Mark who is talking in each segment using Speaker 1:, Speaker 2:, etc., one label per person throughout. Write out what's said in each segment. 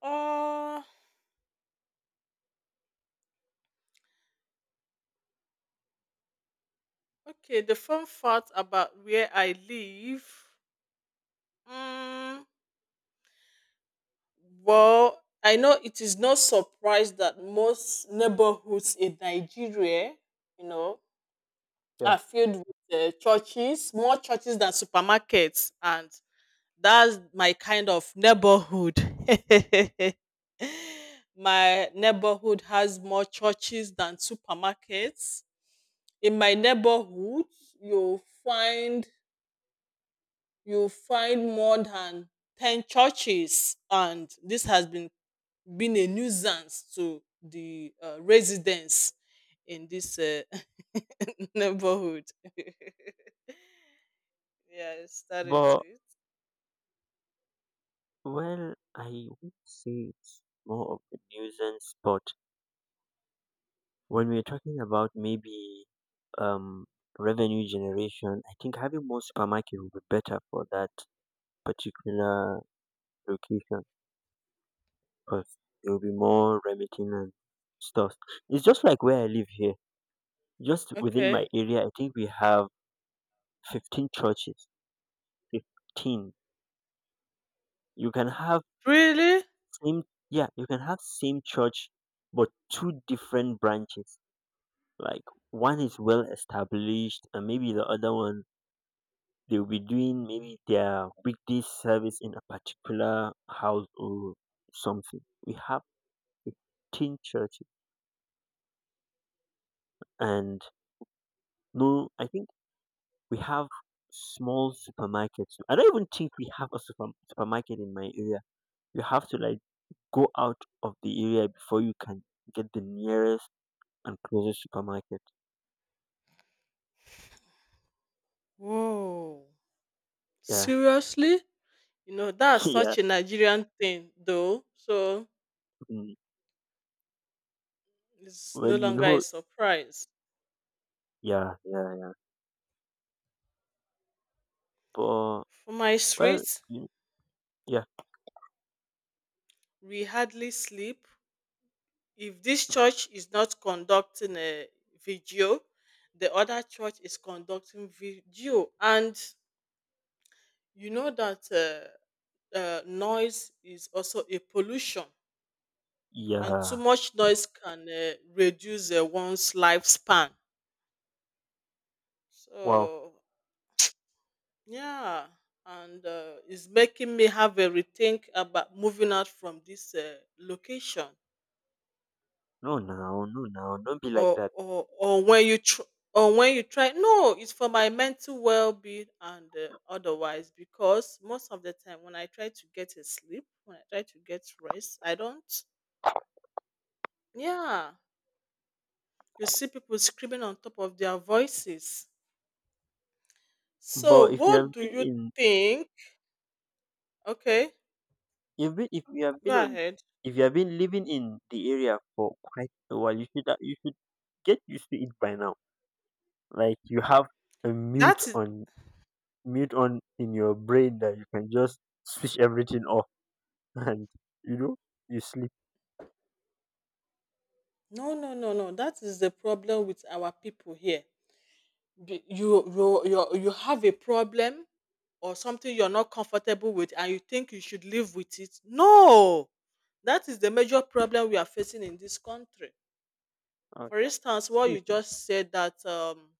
Speaker 1: Uh, okay. The fun fact about where I live. Mm, well, I know it is no surprise that most neighborhoods in Nigeria, you know,
Speaker 2: Yeah.
Speaker 1: are filled with churches, more churches than supermarkets, and that's my kind of neighborhood. My neighborhood has more churches than supermarkets. In my neighborhood, you'll find you'll find more than 10 churches, and this has been a nuisance to the residents in this neighborhood. Yes, that is
Speaker 2: But,
Speaker 1: it.
Speaker 2: well, I would say it's more of a nuisance, but when we're talking about maybe um revenue generation, I think having more supermarket would be better for that particular location because there will be more remitting and stuff. It's just like where I live here. Just within
Speaker 1: Okay.
Speaker 2: my area, I think we have 15 churches. 15. You can have
Speaker 1: Really.
Speaker 2: same, yeah, you can have same church, but two different branches. Like one is well established, and maybe the other one they'll be doing maybe their weekday service in a particular house or something. We have 15 churches, and no, I think we have small supermarkets. I don't even think we have a supermarket in my area. You have to like go out of the area before you can get the nearest and closest supermarket.
Speaker 1: Whoa.
Speaker 2: Yeah,
Speaker 1: Seriously. You know, that's
Speaker 2: yeah.
Speaker 1: such a Nigerian thing, though. So
Speaker 2: Mm.
Speaker 1: it's no
Speaker 2: Well, you
Speaker 1: longer a
Speaker 2: know,
Speaker 1: surprise.
Speaker 2: yeah, yeah, yeah. But
Speaker 1: For my
Speaker 2: well,
Speaker 1: street,
Speaker 2: y yeah,
Speaker 1: we hardly sleep. If this church is not conducting a video, the other church is conducting video. And you know that noise is also a pollution, and too
Speaker 2: yeah.
Speaker 1: much noise can reduce one's lifespan.
Speaker 2: Wow.
Speaker 1: So yeah. And it's making me have a rethink about moving out from this location.
Speaker 2: No now, no now. Don't be like
Speaker 1: Or
Speaker 2: that.
Speaker 1: or or when you tr- or when you try, no, it's for my mental well-being and otherwise, because most of the time when I try to get a sleep, when I try to get rest, I don't. Yeah, you see people screaming on top of their voices. So,
Speaker 2: But if you
Speaker 1: what
Speaker 2: have
Speaker 1: do
Speaker 2: been
Speaker 1: you
Speaker 2: in,
Speaker 1: think? Okay,
Speaker 2: if been, If you have been
Speaker 1: go ahead.
Speaker 2: if you have been living in the area for quite a while, you should get used to it by now. Like you have a mute
Speaker 1: That is
Speaker 2: on mute on in your brain that you can just switch everything off and you know you sleep.
Speaker 1: No, no, no, no. That is the problem with our people here. You have a problem or something you're not comfortable with, and you think you should live with it. No, that is the major problem we are facing in this country.
Speaker 2: Oh
Speaker 1: For
Speaker 2: yeah,
Speaker 1: instance, what you
Speaker 2: sleep is
Speaker 1: just said, that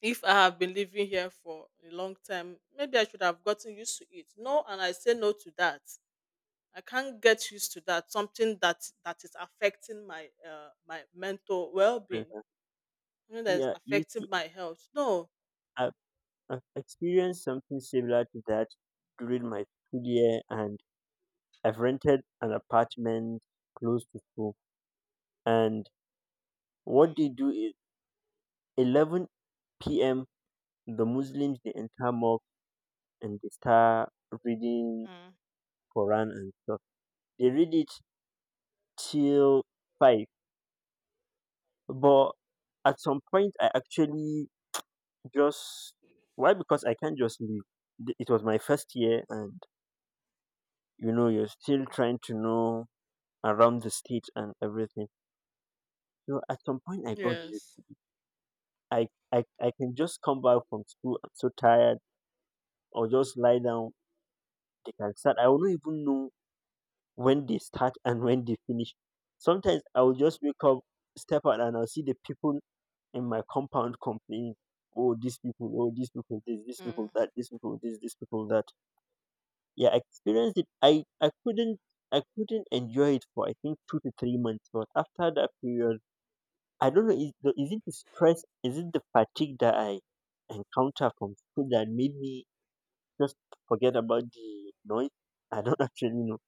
Speaker 1: if I have been living here for a long time, maybe I should have gotten used to it. No, and I say no to that. I can't get used to that, something that is affecting my my mental well-being,
Speaker 2: better.
Speaker 1: something that is
Speaker 2: Yeah. You see,
Speaker 1: affecting my health. No.
Speaker 2: I've, I've experienced something similar to that during my school year, and I've rented an apartment close to school, and what they
Speaker 1: Mm,
Speaker 2: do is 11 p.m. the Muslims they enter mosque and they start reading
Speaker 1: mm.
Speaker 2: Quran and stuff. They read it till 5, but at some point I actually just why because I can't just leave. It was my first year, and you know you're still trying to know around the state and everything. So at some point I got you.
Speaker 1: Yes.
Speaker 2: I can just come back from school. I'm so tired. Or just lie down. They can start. I will not even know when they start and when they finish. Sometimes I will just wake up, step out, and I'll see the people in my compound complaining. Oh, these people. Oh, these people. This. These
Speaker 1: Mm,
Speaker 2: people. That. These people. This. These people. That. Yeah, I experienced it. I couldn't enjoy it for I think 2 to 3 months. But after that period I don't know. Is the is it the stress? Is it the fatigue that I encounter from school that made me just forget about the noise? I don't actually know.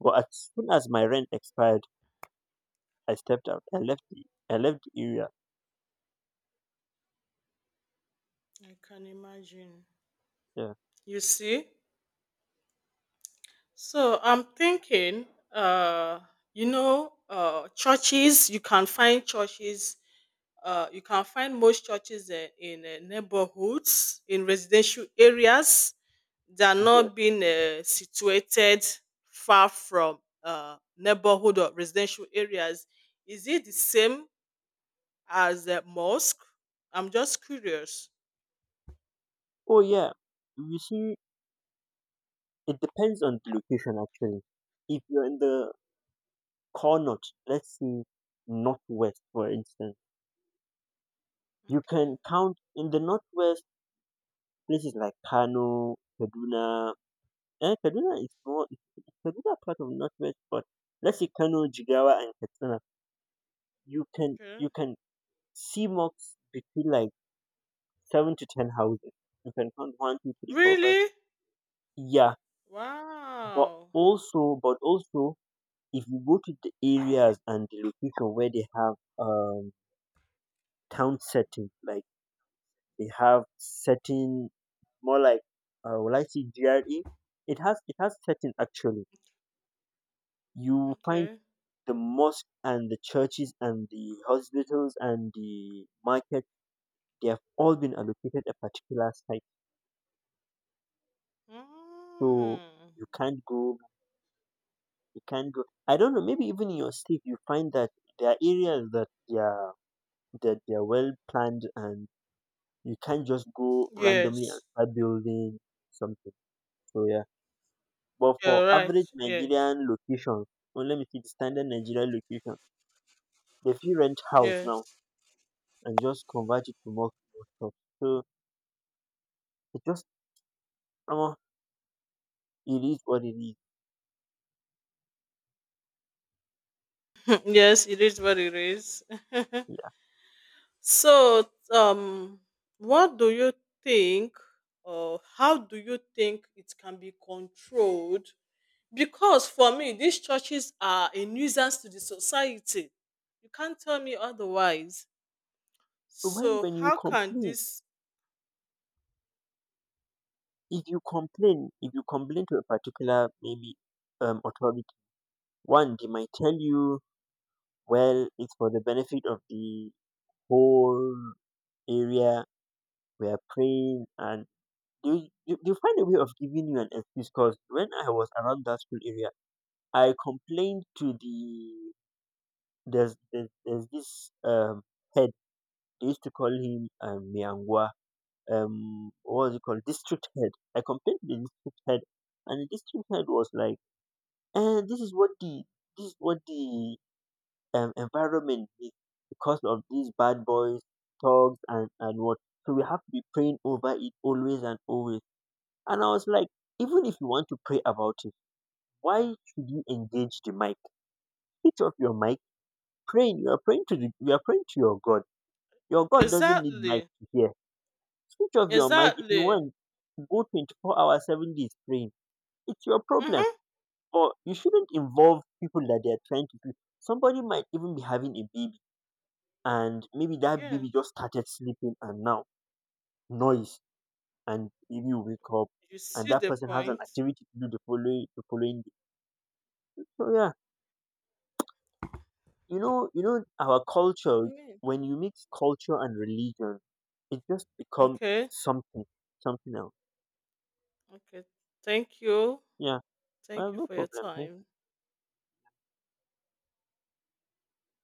Speaker 2: But as soon as my rent expired, I stepped out. I left the area.
Speaker 1: I can imagine.
Speaker 2: Yeah,
Speaker 1: You see? So I'm thinking, uh, you know, churches, you can find churches, you can find most churches in neighborhoods, in residential areas that are
Speaker 2: yeah.
Speaker 1: not being situated far from neighborhood or residential areas. Is it the same as a mosque? I'm just curious.
Speaker 2: Oh yeah. You see, it depends on the location actually. If you're in the corner, let's see, northwest, for instance, you
Speaker 1: Okay,
Speaker 2: can count in the northwest places like Kano, Kaduna. Eh, Kaduna is more Kaduna part of Northwest, but let's say Kano, Jigawa, and Katsina,
Speaker 1: okay.
Speaker 2: you can see mosques between like 7 to 10 houses. You can count one, two, three, four, five.
Speaker 1: Really?
Speaker 2: Yeah, but
Speaker 1: Wow.
Speaker 2: but also, if you go to the areas and the location where they have town setting, like they have setting more like will I see GRE? It has setting actually. You find
Speaker 1: Okay.
Speaker 2: the mosque and the churches and the hospitals and the market, they have all been allocated a particular site, so
Speaker 1: Mm.
Speaker 2: you can't go you can't go, I don't know, maybe even in your state you find that there are areas that they are well planned and you can't just go randomly and
Speaker 1: Yes.
Speaker 2: start building something. So yeah, but for
Speaker 1: You're right.
Speaker 2: average
Speaker 1: Yes.
Speaker 2: Nigerian locations, or let me see, the standard Nigerian location, they feel rent house now
Speaker 1: Yes.
Speaker 2: and just convert it to more, so it just somehow it is what it is.
Speaker 1: Yes, it is what it is.
Speaker 2: Yeah.
Speaker 1: So, what do you think, or how do you think it can be controlled? Because for me, these churches are a nuisance to the society. You can't tell me otherwise.
Speaker 2: So
Speaker 1: So,
Speaker 2: when you
Speaker 1: how can
Speaker 2: complain,
Speaker 1: this
Speaker 2: if you complain to a particular maybe authority, one they might tell you, well, it's for the benefit of the whole area. We are praying, and they find a way of giving you an excuse. Because when I was around that school area, I complained to the there's this head. They used to call him Miangwa, what was it called, district head. I complained to the district head, and the district head was like, eh, this is what the environment is because of these bad boys, thugs and what, so we have to be praying over it always and always. And I was like, even if you want to pray about it, why should you engage the mic? Switch off your mic. Praying you are praying to the You are praying to your god. Your god doesn't need mic
Speaker 1: exactly,
Speaker 2: to hear. Switch off your mic. If you
Speaker 1: exactly?
Speaker 2: want, go 24 hours 7 days praying. It's your problem. But you shouldn't involve people that they're trying to do. Somebody might even be having a baby, and maybe that
Speaker 1: Mm-hmm.
Speaker 2: baby just started sleeping, and now noise, and maybe you wake up,
Speaker 1: You
Speaker 2: and
Speaker 1: see
Speaker 2: that
Speaker 1: the
Speaker 2: person has an
Speaker 1: point?
Speaker 2: activity to do the following day. So yeah, you know, you know our
Speaker 1: I
Speaker 2: culture,
Speaker 1: mean,
Speaker 2: when you mix culture and religion, it just becomes
Speaker 1: okay.
Speaker 2: something something else.
Speaker 1: Okay. Thank you.
Speaker 2: Yeah.
Speaker 1: Thank
Speaker 2: Well,
Speaker 1: you
Speaker 2: no
Speaker 1: for your
Speaker 2: problem. Thank
Speaker 1: time.